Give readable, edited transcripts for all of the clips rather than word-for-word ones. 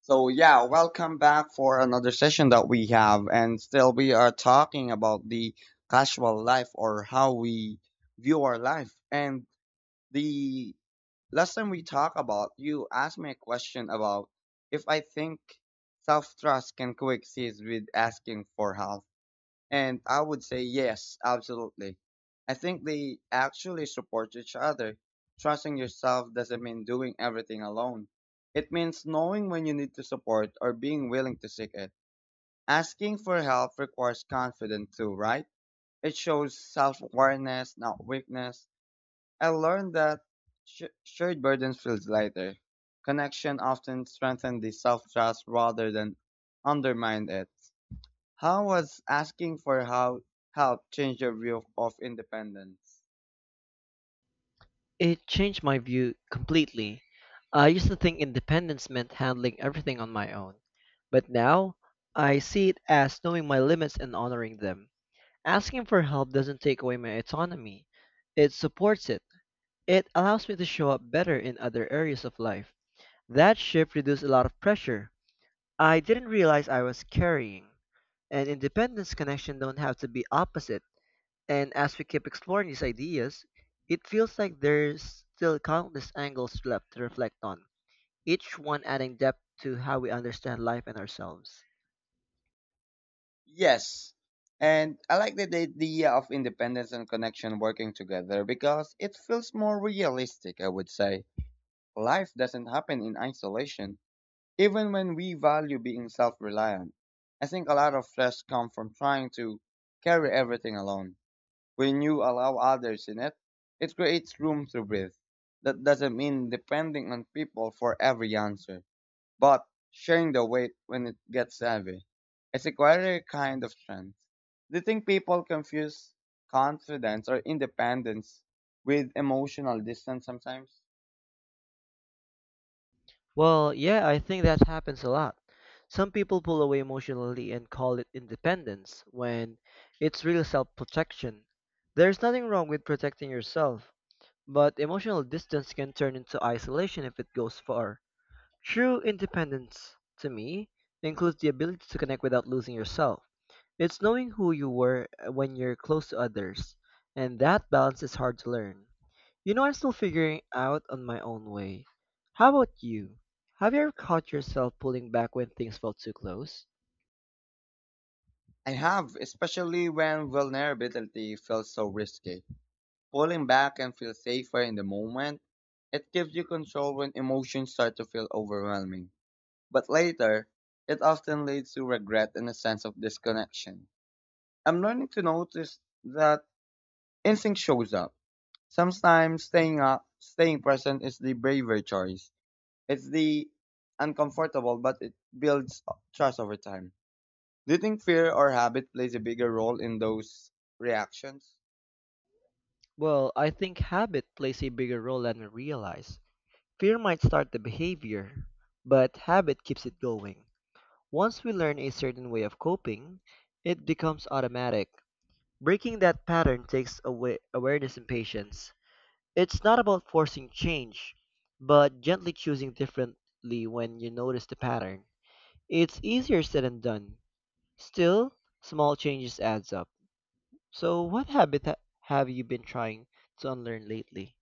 So yeah, welcome back for another session that we have, and still we are talking about the casual life or how we view our life. And the last time we talked about, you asked me a question about if I think self trust can coexist with asking for help. And I would say yes, absolutely. I think they actually support each other. Trusting yourself doesn't mean doing everything alone. It means knowing when you need to support or being willing to seek it. Asking for help requires confidence too, right? It shows self-awareness, not weakness. I learned that shared burdens feels lighter. Connection often strengthens the self-trust rather than undermine it. How was asking for how help changed your view of, independence? It changed my view completely. I used to think independence meant handling everything on my own, but now I see it as knowing my limits and honoring them. Asking for help doesn't take away my autonomy, it supports it. It allows me to show up better in other areas of life. That shift reduced a lot of pressure I didn't realize I was carrying. And independence connection don't have to be opposite. And as we keep exploring these ideas, it feels like there's still countless angles left to reflect on, each one adding depth to how we understand life and ourselves. Yes. And I like the idea of independence and connection working together because it feels more realistic, I would say. Life doesn't happen in isolation, even when we value being self reliant. I think a lot of stress comes from trying to carry everything alone. When you allow others in it, it creates room to breathe. That doesn't mean depending on people for every answer but sharing the weight when it gets heavy. It's a quieter kind of strength. Do you think people confuse confidence or independence with emotional distance sometimes? Well, yeah, I think that happens a lot. Some people pull away emotionally and call it independence when it's real self protection. There's nothing wrong with protecting yourself, but emotional distance can turn into isolation if it goes far. True independence, to me, includes the ability to connect without losing yourself. It's knowing who you were when you're close to others, and that balance is hard to learn. You know, I'm still figuring out on my own way. How about you? Have you ever caught yourself pulling back when things felt too close? I have, especially when vulnerability feels so risky. Pulling back and feel safer in the moment, it gives you control when emotions start to feel overwhelming. But later, it often leads to regret and a sense of disconnection. I'm learning to notice that instinct shows up. Sometimes staying present is the braver choice. It's the uncomfortable, but it builds trust over time. Do you think fear or habit plays a bigger role in those reactions? Well, I think habit plays a bigger role than we realize. Fear might start the behavior, but habit keeps it going. Once we learn a certain way of coping, it becomes automatic. Breaking that pattern takes away awareness and patience. It's not about forcing change, but gently choosing differently when you notice the pattern. It's easier said than done. Still, small changes adds up. So, what habit have you been trying to unlearn lately?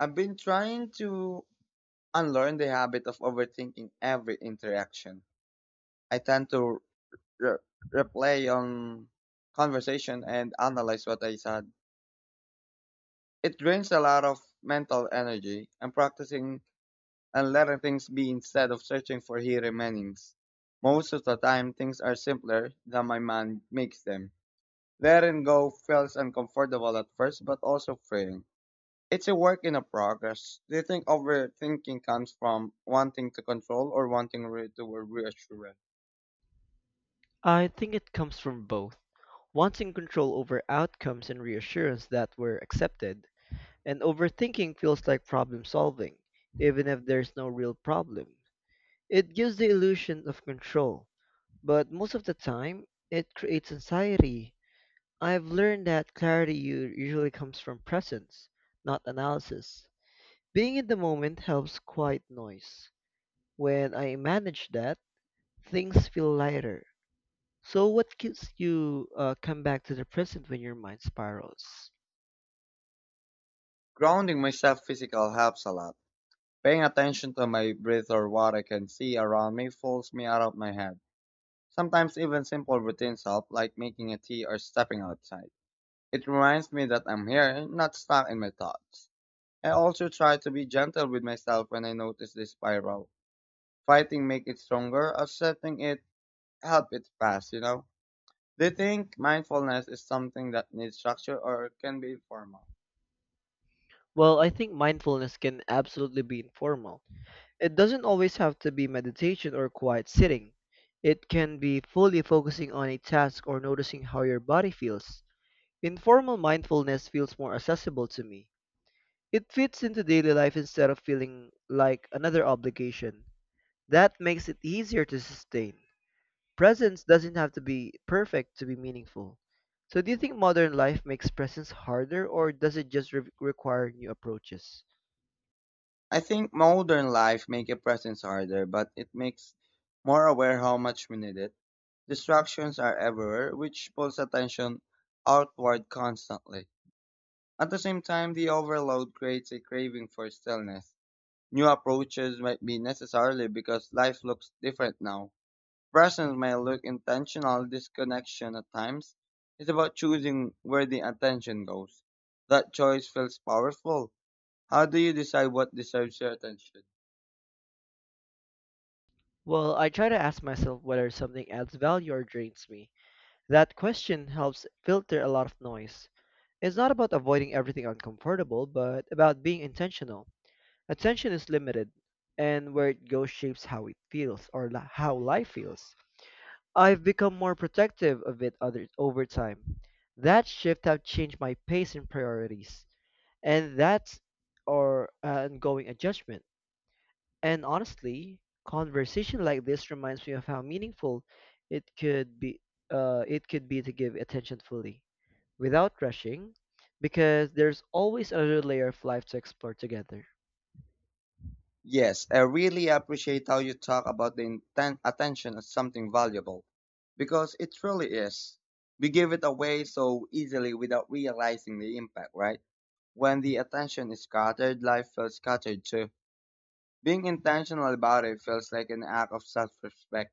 I've been trying to unlearn the habit of overthinking every interaction. I tend to re- replay on conversation and analyze what I said. It drains a lot of mental energy. I'm practicing and letting things be instead of searching for hidden meanings. Most of the time, things are simpler than my mind makes them. Letting go feels uncomfortable at first, but also freeing. It's a work in a progress. Do you think overthinking comes from wanting to control or wanting re- to reassurance? I think it comes from both. Wanting control over outcomes and reassurance that were accepted, and overthinking feels like problem solving, even if there's no real problem. It gives the illusion of control, but most of the time it creates anxiety. I've learned that clarity usually comes from presence, not analysis. Being in the moment helps quiet noise. When I manage that, things feel lighter. So, what keeps you come back to the present when your mind spirals? Grounding myself physical helps a lot. Paying attention to my breath or what I can see around me pulls me out of my head. Sometimes even simple routines help, like making a tea or stepping outside. It reminds me that I'm here, not stuck in my thoughts. I also try to be gentle with myself when I notice this spiral. Fighting make it stronger, accepting it help it pass, you know? Do you think mindfulness is something that needs structure or can be informal? Well, I think mindfulness can absolutely be informal. It doesn't always have to be meditation or quiet sitting. It can be fully focusing on a task or noticing how your body feels. Informal mindfulness feels more accessible to me. It fits into daily life instead of feeling like another obligation. That makes it easier to sustain. Presence doesn't have to be perfect to be meaningful. So, do you think modern life makes presence harder, or does it just require new approaches? I think modern life make a presence harder, but it makes more aware how much we need it. Distractions are everywhere, which pulls attention outward constantly. At the same time, the overload creates a craving for stillness. New approaches might be necessary because life looks different now. Presence may look intentional disconnection at times. It's about choosing where the attention goes. That choice feels powerful. How do you decide what deserves your attention? Well, I try to ask myself whether something adds value or drains me. That question helps filter a lot of noise. It's not about avoiding everything uncomfortable, but about being intentional. Attention is limited, and where it goes shapes how it feels or, how life feels. I've become more protective of it, over time. That shift have changed my pace and priorities, and that's our ongoing adjustment. And honestly, conversation like this reminds me of how meaningful it could be. It could be to give attention fully, without rushing, because there's always another layer of life to explore together. Yes, I really appreciate how you talk about the attention as something valuable because it truly is. We give it away so easily without realizing the impact, right? When the attention is scattered, life feels scattered too. Being intentional about it feels like an act of self-respect.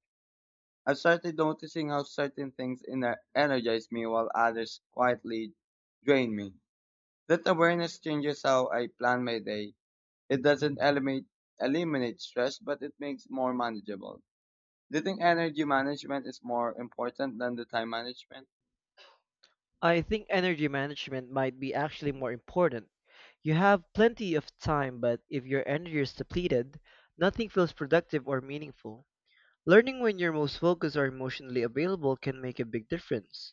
I've started noticing how certain things energize me while others quietly drain me. That awareness changes how I plan my day. It doesn't eliminate stress, but it makes more manageable. Do you think energy management is more important than the time management? I think energy management might be actually more important. You have plenty of time, but if your energy is depleted, nothing feels productive or meaningful. Learning when you're most focused or emotionally available can make a big difference.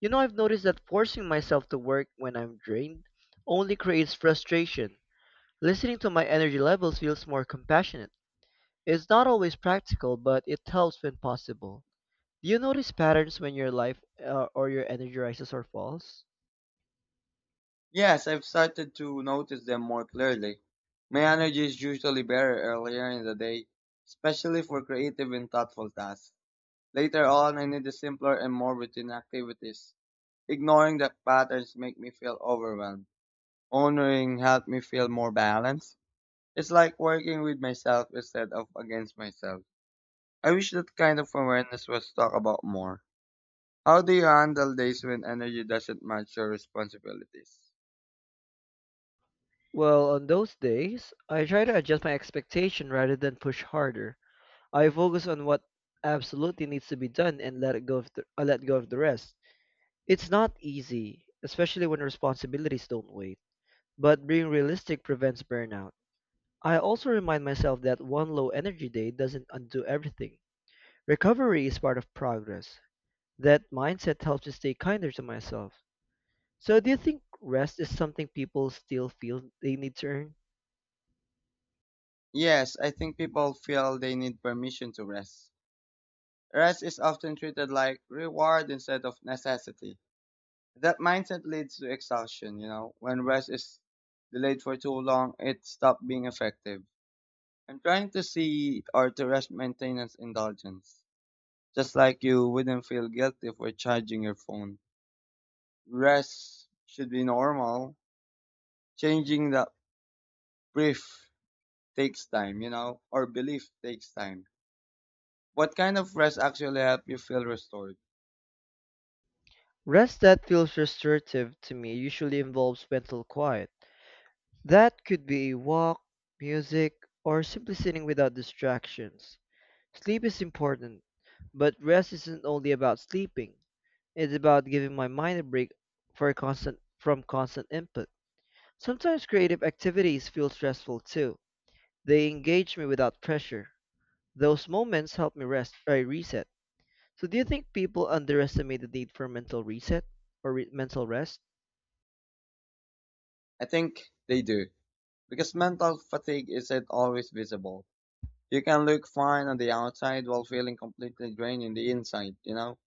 You know, I've noticed that forcing myself to work when I'm drained only creates frustration. Listening to my energy levels feels more compassionate. It's not always practical, but it helps when possible. Do you notice patterns when your life or your energy rises or falls? Yes, I've started to notice them more clearly. My energy is usually better earlier in the day, especially for creative and thoughtful tasks. Later on, I needed simpler and more routine activities. Ignoring the patterns make me feel overwhelmed. Honoring helped me feel more balanced. It's like working with myself instead of against myself. I wish that kind of awareness was talked about more. How do you handle days when energy doesn't match your responsibilities? Well, on those days, I try to adjust my expectation rather than push harder. I focus on what absolutely needs to be done and let it go of the, I let go of the rest. It's not easy, especially when responsibilities don't wait, but being realistic prevents burnout. I also remind myself that one low energy day doesn't undo everything. Recovery is part of progress. That mindset helps me stay kinder to myself. So, do you think rest is something people still feel they need to earn? Yes, I think people feel they need permission to rest. Rest is often treated like reward instead of necessity. That mindset leads to exhaustion, you know. When rest is delayed for too long, it stops being effective. I'm trying to see or to rest maintenance indulgence. Just like you wouldn't feel guilty for charging your phone. Rest should be normal. Changing the brief takes time, you know, or belief takes time. What kind of rest actually help you feel restored? Rest that feels restorative to me usually involves mental quiet. That could be a walk, music, or simply sitting without distractions. Sleep is important, but rest isn't only about sleeping. It's about giving my mind a break for constant from constant input. Sometimes creative activities feel stressful too. They engage me without pressure. Those moments help me rest or reset. So do you think people underestimate the need for mental reset or mental rest? I think they do. Because mental fatigue isn't always visible. You can look fine on the outside while feeling completely drained on the inside, you know?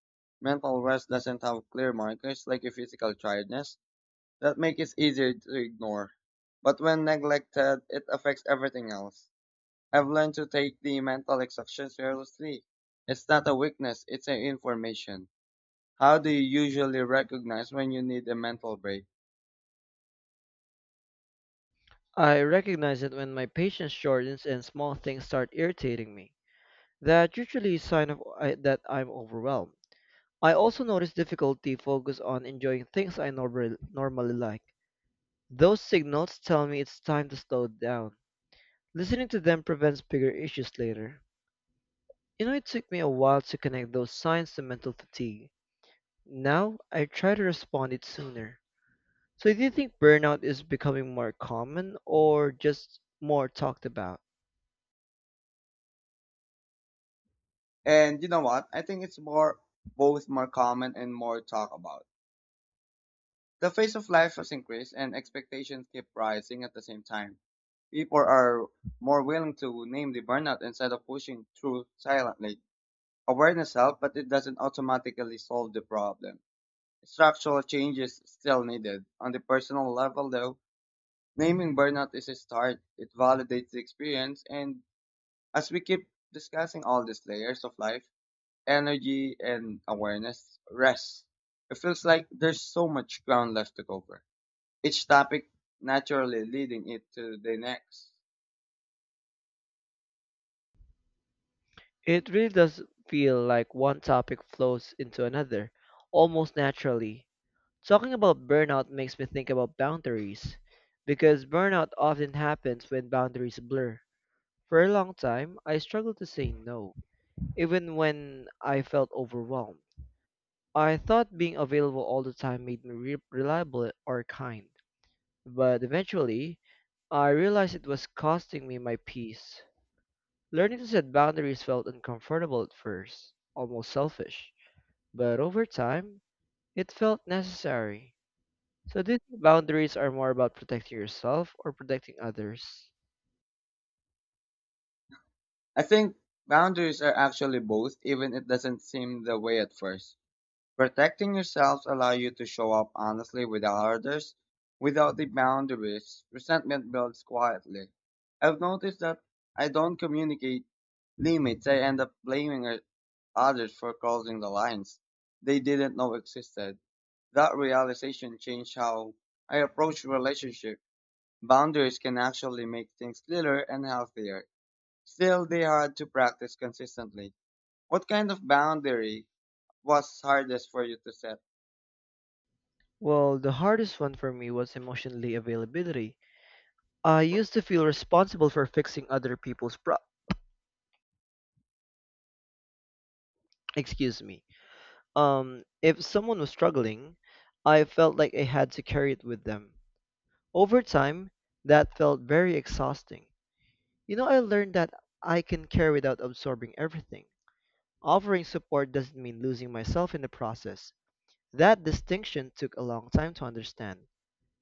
Mental rest doesn't have clear markers like a physical tiredness that make it easier to ignore. But when neglected, it affects everything else. I've learned to take the mental exhaustion seriously. It's not a weakness, it's an information. How do you usually recognize when you need a mental break? I recognize it when my patience shortens and small things start irritating me. That usually is a sign that I'm overwhelmed. I also notice difficulty focus on enjoying things I normally like. Those signals tell me it's time to slow down. Listening to them prevents bigger issues later. You know, it took me a while to connect those signs to mental fatigue. Now, I try to respond it sooner. So, do you think burnout is becoming more common or just more talked about? And you know what? I think it's more both more common and more talked about. The pace of life has increased and expectations keep rising at the same time. People are more willing to name the burnout instead of pushing through silently. Awareness helps, but it doesn't automatically solve the problem. Structural changes still needed. On the personal level though, naming burnout is a start. It validates the experience and as we keep discussing all these layers of life, energy and awareness, rest. It feels like there's so much ground left to cover each topic naturally leading it to the next. It really does feel like one topic flows into another, almost naturally. Talking about burnout makes me think about boundaries, because burnout often happens when boundaries blur. For a long time, I struggled to say no, even when I felt overwhelmed. I thought being available all the time made me reliable or kind, but eventually, I realized it was costing me my peace. Learning to set boundaries felt uncomfortable at first, almost selfish. But over time, it felt necessary. So do you think boundaries are more about protecting yourself or protecting others? I think boundaries are actually both, even it doesn't seem the way at first. Protecting yourselves allow you to show up honestly without others. Without the boundaries, resentment builds quietly. I've noticed that I don't communicate limits. I end up blaming others for crossing the lines they didn't know existed. That realization changed how I approach relationships. Boundaries can actually make things clearer and healthier. Still, they had to practice consistently. What kind of boundary was hardest for you to set? Well, the hardest one for me was emotionally availability. I used to feel responsible for fixing other people's. Excuse me. If someone was struggling, I felt like I had to carry it with them. Over time, that felt very exhausting. You know, I learned that I can care without absorbing everything. Offering support doesn't mean losing myself in the process. That distinction took a long time to understand,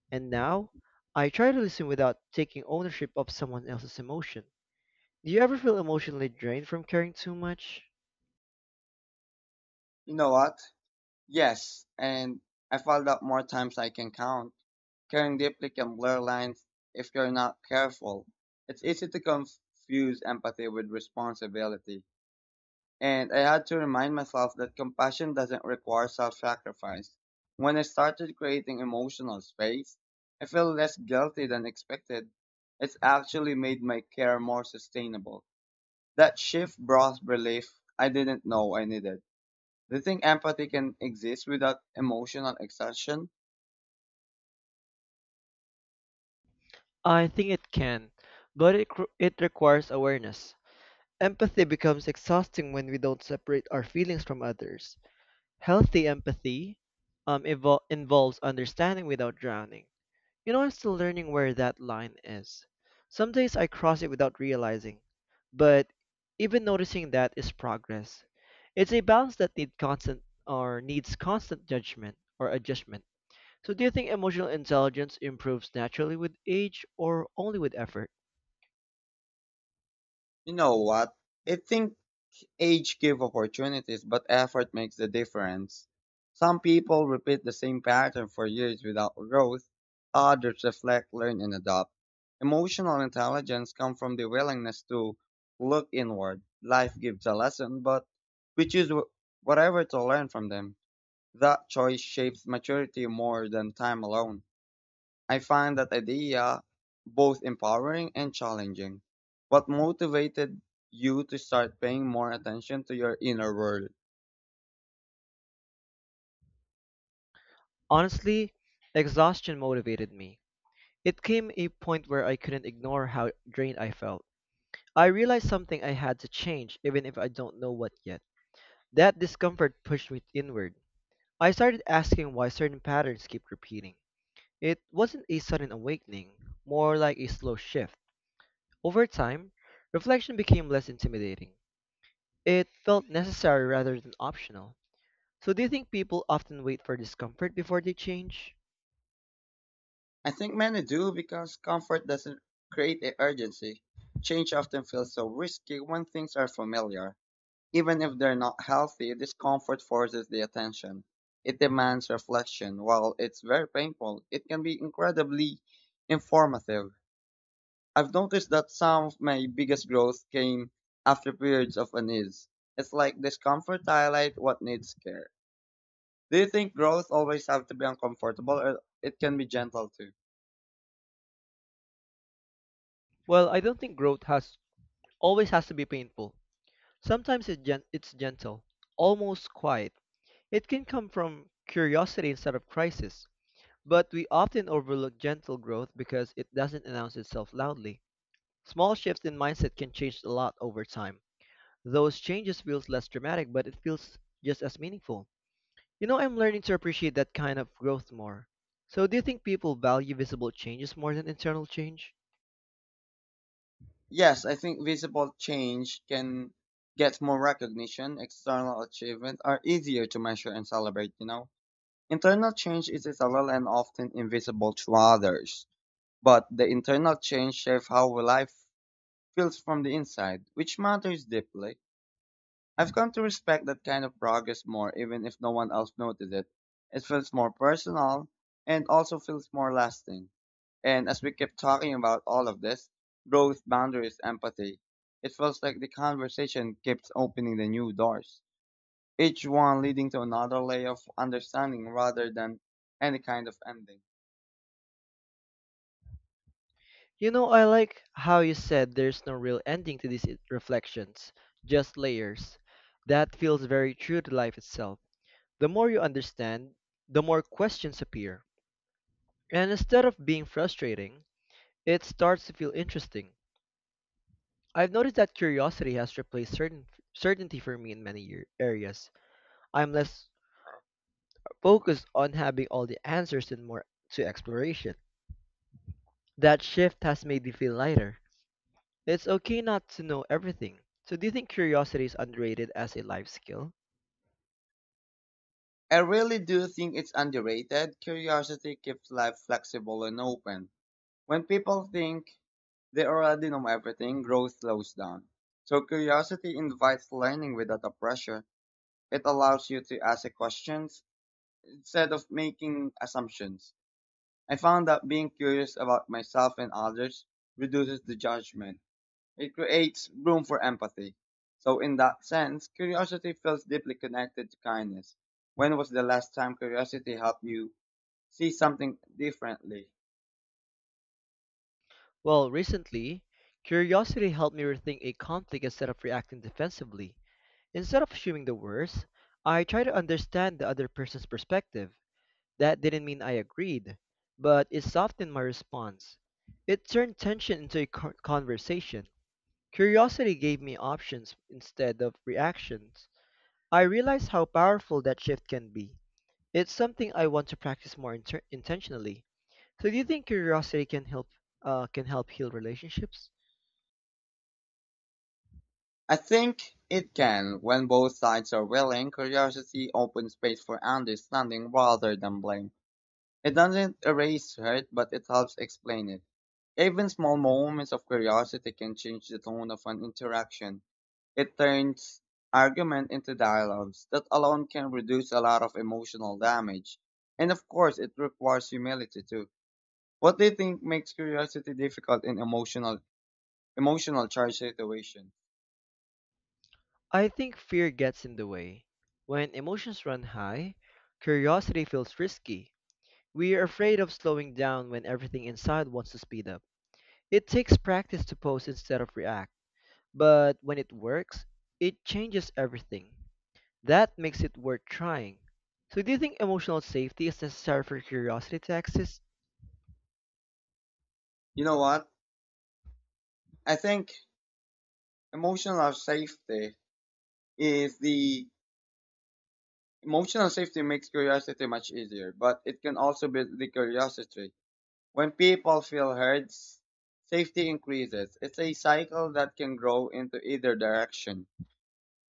and now I try to listen without taking ownership of someone else's emotion. Do you ever feel emotionally drained from caring too much? You know what? Yes, and I followed up more times I can count. Caring deeply can blur lines if you're not careful. It's easy to confuse empathy with responsibility. And I had to remind myself that compassion doesn't require self sacrifice. When I started creating emotional space, I felt less guilty than expected. It's actually made my care more sustainable. That shift brought relief I didn't know I needed. Do you think empathy can exist without emotional exhaustion? I think it can, but it requires awareness. Empathy becomes exhausting when we don't separate our feelings from others. Healthy empathy involves understanding without drowning. You know, I'm still learning where that line is. Some days I cross it without realizing, but even noticing that is progress. It's a balance that needs constant judgment or adjustment. So do you think emotional intelligence improves naturally with age or only with effort? You know what? I think age give opportunities, but effort makes the difference. Some people repeat the same pattern for years without growth. Others reflect, learn, and adopt. Emotional intelligence comes from the willingness to look inward. Life gives a lesson, but we choose whatever to learn from them. That choice shapes maturity more than time alone. I find that idea both empowering and challenging. What motivated you to start paying more attention to your inner world? Honestly, exhaustion motivated me. It came a point where I couldn't ignore how drained I felt. I realized something I had to change even if I don't know what yet. That discomfort pushed me inward. I started asking why certain patterns keep repeating. It wasn't a sudden awakening, more like a slow shift. Over time, reflection became less intimidating. It felt necessary rather than optional. So, do you think people often wait for discomfort before they change? I think many do because comfort doesn't create a urgency. Change often feels so risky when things are familiar. Even if they're not healthy, discomfort forces the attention. It demands reflection. While it's very painful, it can be incredibly informative. I've noticed that some of my biggest growth came after periods of unease. It's like discomfort highlight what needs care. Do you think growth always have to be uncomfortable or it can be gentle too? Well, I don't think growth has always has to be painful. Sometimes it's gentle, almost quiet. It can come from curiosity instead of crisis, but we often overlook gentle growth because it doesn't announce itself loudly. Small shifts in mindset can change a lot over time. Those changes feels less dramatic, but it feels just as meaningful. You know, I'm learning to appreciate that kind of growth more. So, do you think people value visible changes more than internal change? Yes, I think visible change can get more recognition, external achievements are easier to measure and celebrate, you know. Internal change is subtle and often invisible to others, but the internal change shapes how life feels from the inside, which matters deeply. I've come to respect that kind of progress more, even if no one else noted it. It feels more personal and also feels more lasting. And as we keep talking about all of this, growth, boundaries, empathy, it feels like the conversation keeps opening the new doors, each one leading to another layer of understanding rather than any kind of ending. You know, I like how you said there's no real ending to these reflections, just layers. That feels very true to life itself. The more you understand, the more questions appear. And instead of being frustrating, it starts to feel interesting. I've noticed that curiosity has replaced certainty for me in many areas. I'm less focused on having all the answers and more to exploration. That shift has made me feel lighter. It's okay not to know everything. So, do you think curiosity is underrated as a life skill? I really do think it's underrated. Curiosity keeps life flexible and open. When people think they already know everything, growth slows down. So curiosity invites learning without the pressure. It allows you to ask questions instead of making assumptions. I found that being curious about myself and others reduces the judgment. It creates room for empathy. So in that sense, curiosity feels deeply connected to kindness. When was the last time curiosity helped you see something differently? Well, recently, curiosity helped me rethink a conflict instead of reacting defensively. Instead of assuming the worst, I try to understand the other person's perspective. That didn't mean I agreed, but it softened my response. It turned tension into a conversation. Curiosity gave me options instead of reactions. I realized how powerful that shift can be. It's something I want to practice more intentionally. So, do you think curiosity can help heal relationships? I think it can, when both sides are willing. Curiosity opens space for understanding rather than blame. It doesn't erase hurt, but it helps explain it. Even small moments of curiosity can change the tone of an interaction. It turns argument into dialogues. That alone can reduce a lot of emotional damage. And of course, it requires humility too. What do you think makes curiosity difficult in emotional charge situations? I think fear gets in the way. When emotions run high, curiosity feels risky. We are afraid of slowing down when everything inside wants to speed up. It takes practice to pose instead of react, but when it works, it changes everything. That makes it worth trying. So, do you think emotional safety is necessary for curiosity to exist? You know what? I think emotional safety is the emotional safety makes curiosity much easier, but it can also build the curiosity. When people feel heard, safety increases. It's a cycle that can grow into either direction.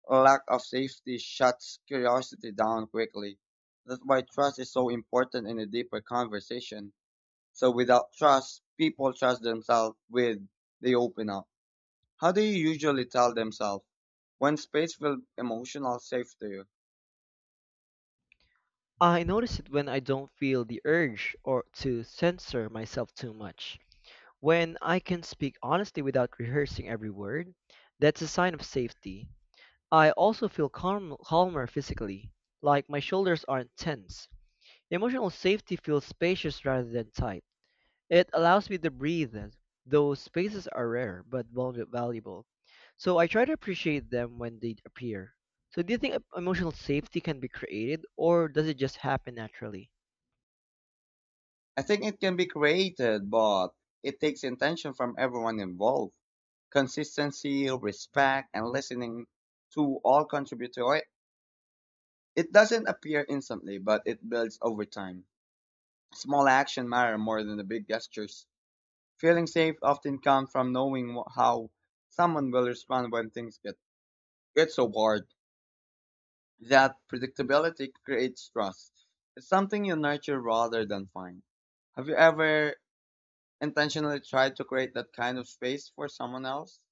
Lack of safety shuts curiosity down quickly. That's why trust is so important in a deeper conversation. So without trust, people trust themselves with they open up. How do you usually tell themselves when space will emotional safe to you? I notice it when I don't feel the urge or to censor myself too much. When I can speak honestly without rehearsing every word, that's a sign of safety. I also feel calm, calmer physically, like my shoulders aren't tense. Emotional safety feels spacious rather than tight. It allows me to breathe. Those spaces are rare but valuable. So I try to appreciate them when they appear. So do you think emotional safety can be created or does it just happen naturally? I think it can be created, but it takes intention from everyone involved. Consistency, respect, and listening to all contribute to it. It doesn't appear instantly, but it builds over time. Small action matter more than the big gestures. Feeling safe often comes from knowing how someone will respond when things get it's so hard. That predictability creates trust. It's something you nurture rather than find. Have you ever intentionally tried to create that kind of space for someone else?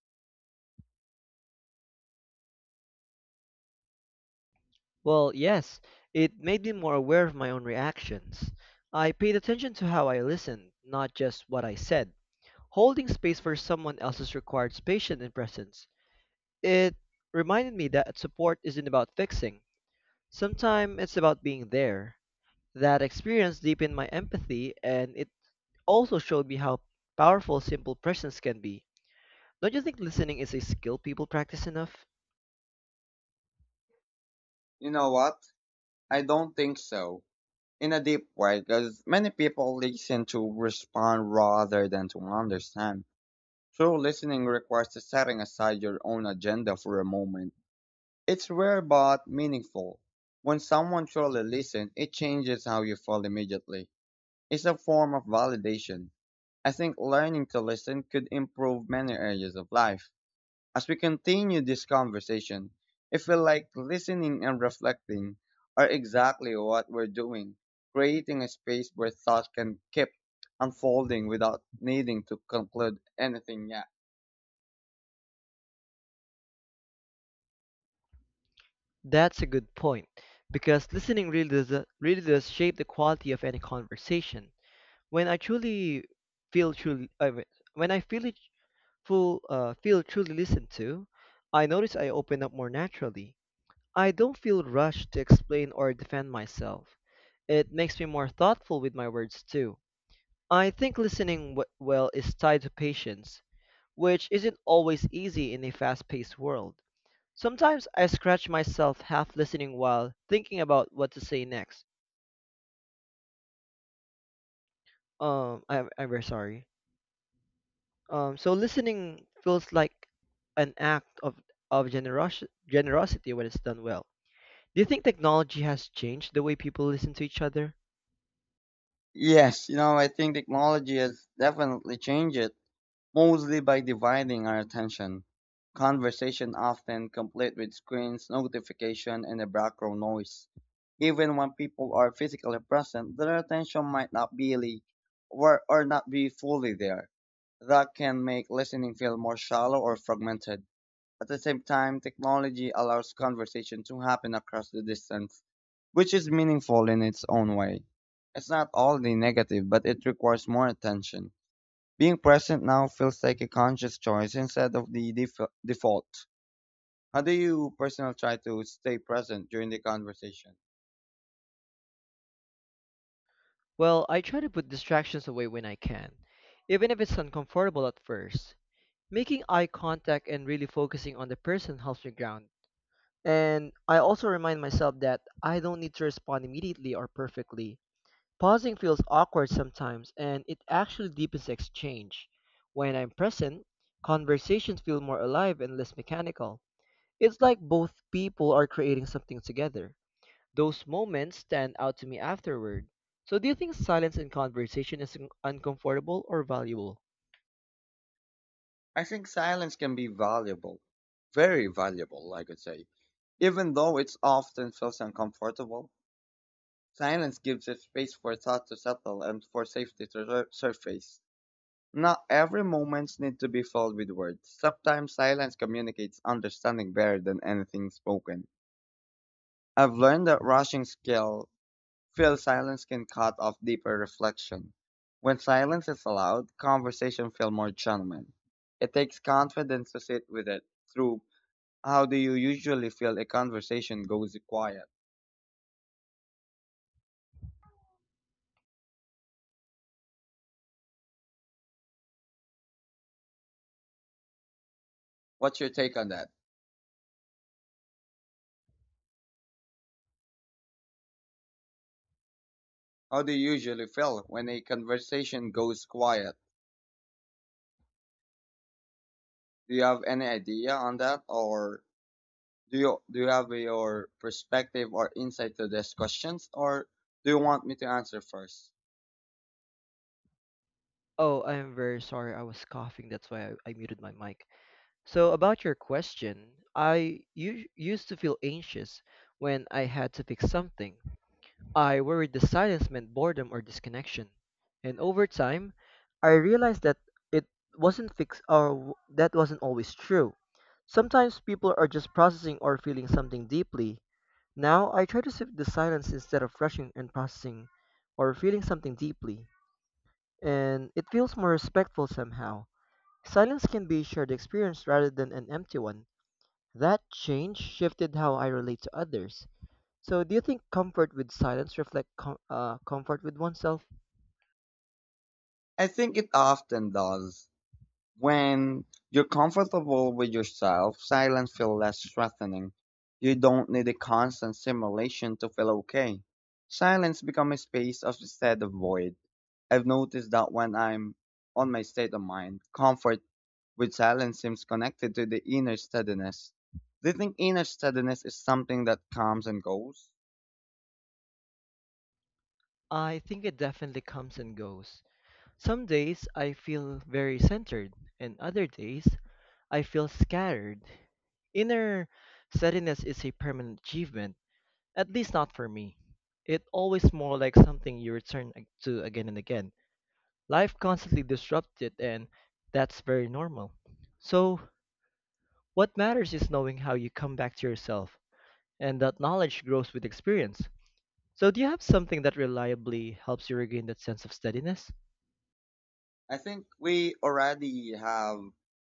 Well, yes, it made me more aware of my own reactions. I paid attention to how I listened, not just what I said. Holding space for someone else's requires patience and presence. It reminded me that support isn't about fixing. Sometimes it's about being there. That experience deepened my empathy, and it also showed me how powerful simple presence can be. Don't you think listening is a skill people practice enough? You know what? I don't think so. In a deep way, because many people listen to respond rather than to understand. True listening requires the setting aside your own agenda for a moment. It's rare but meaningful. When someone truly listens, it changes how you feel immediately. It's a form of validation. I think learning to listen could improve many areas of life. As we continue this conversation, I feel like listening and reflecting are exactly what we're doing, creating a space where thoughts can keep unfolding without needing to conclude anything yet. That's a good point because listening really does shape the quality of any conversation. When I truly feel truly I mean, When I feel it full feel truly listened to, I notice I open up more naturally. I don't feel rushed to explain or defend myself. It makes me more thoughtful with my words too. I think listening well is tied to patience, which isn't always easy in a fast paced world. Sometimes I scratch myself half listening while thinking about what to say next. I'm very sorry. So listening feels like an act of generosity when it's done well. Do you think technology has changed the way people listen to each other? Yes, you know, I think technology has definitely changed it. Mostly by dividing our attention. Conversation often complete with screens, notification, and the background noise. Even when people are physically present, their attention might not be really or not be fully there. That can make listening feel more shallow or fragmented. At the same time, technology allows conversation to happen across the distance, which is meaningful in its own way. It's not all the negative, but it requires more attention. Being present now feels like a conscious choice instead of the default. How do you personally try to stay present during the conversation? Well, I try to put distractions away when I can, even if it's uncomfortable at first. Making eye contact and really focusing on the person helps me ground. And I also remind myself that I don't need to respond immediately or perfectly. Pausing feels awkward sometimes, and it actually deepens the exchange. When I'm present, conversations feel more alive and less mechanical. It's like both people are creating something together. Those moments stand out to me afterward. So, do you think silence in conversation is uncomfortable or valuable? I think silence can be valuable, very valuable, I could say. Even though it often feels uncomfortable, silence gives a space for thought to settle and for safety to surface. Not every moment needs to be filled with words. Sometimes silence communicates understanding better than anything spoken. I've learned that rushing skill feel silence can cut off deeper reflection. When silence is allowed, conversation feel more genuine. It takes confidence to sit with it through. How do you usually feel a conversation goes quiet? What's your take on that? How do you usually feel when a conversation goes quiet? Do you have any idea on that, or do you have your perspective or insight to these questions, or do you want me to answer first? Oh, I'm very sorry. I was coughing. That's why I muted my mic. So, about your question, I used to feel anxious when I had to fix something. I worried the silence meant boredom or disconnection, and over time, I realized that it wasn't fixed that wasn't always true. Sometimes people are just processing or feeling something deeply. Now I try to sit with the silence instead of rushing and processing or feeling something deeply, and it feels more respectful somehow. Silence can be a shared experience rather than an empty one. That change shifted how I relate to others. So, do you think comfort with silence reflect comfort with oneself? I think it often does. When you're comfortable with yourself, silence feels less threatening. You don't need a constant stimulation to feel okay. Silence becomes a space of instead of void. I've noticed that when I'm on my state of mind, comfort with silence seems connected to the inner steadiness. Do you think inner steadiness is something that comes and goes? I think it definitely comes and goes. Some days I feel very centered, and other days I feel scattered. Inner steadiness is a permanent achievement, at least not for me. It always more like something you return to again and again. Life constantly disrupts it, and that's very normal. So, what matters is knowing how you come back to yourself, and that knowledge grows with experience. So, do you have something that reliably helps you regain that sense of steadiness? I think we already have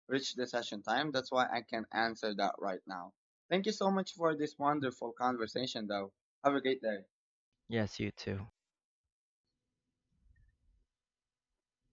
reached the session time. That's why I can answer that right now. Thank you so much for this wonderful conversation, though. Have a great day. Yes, you too.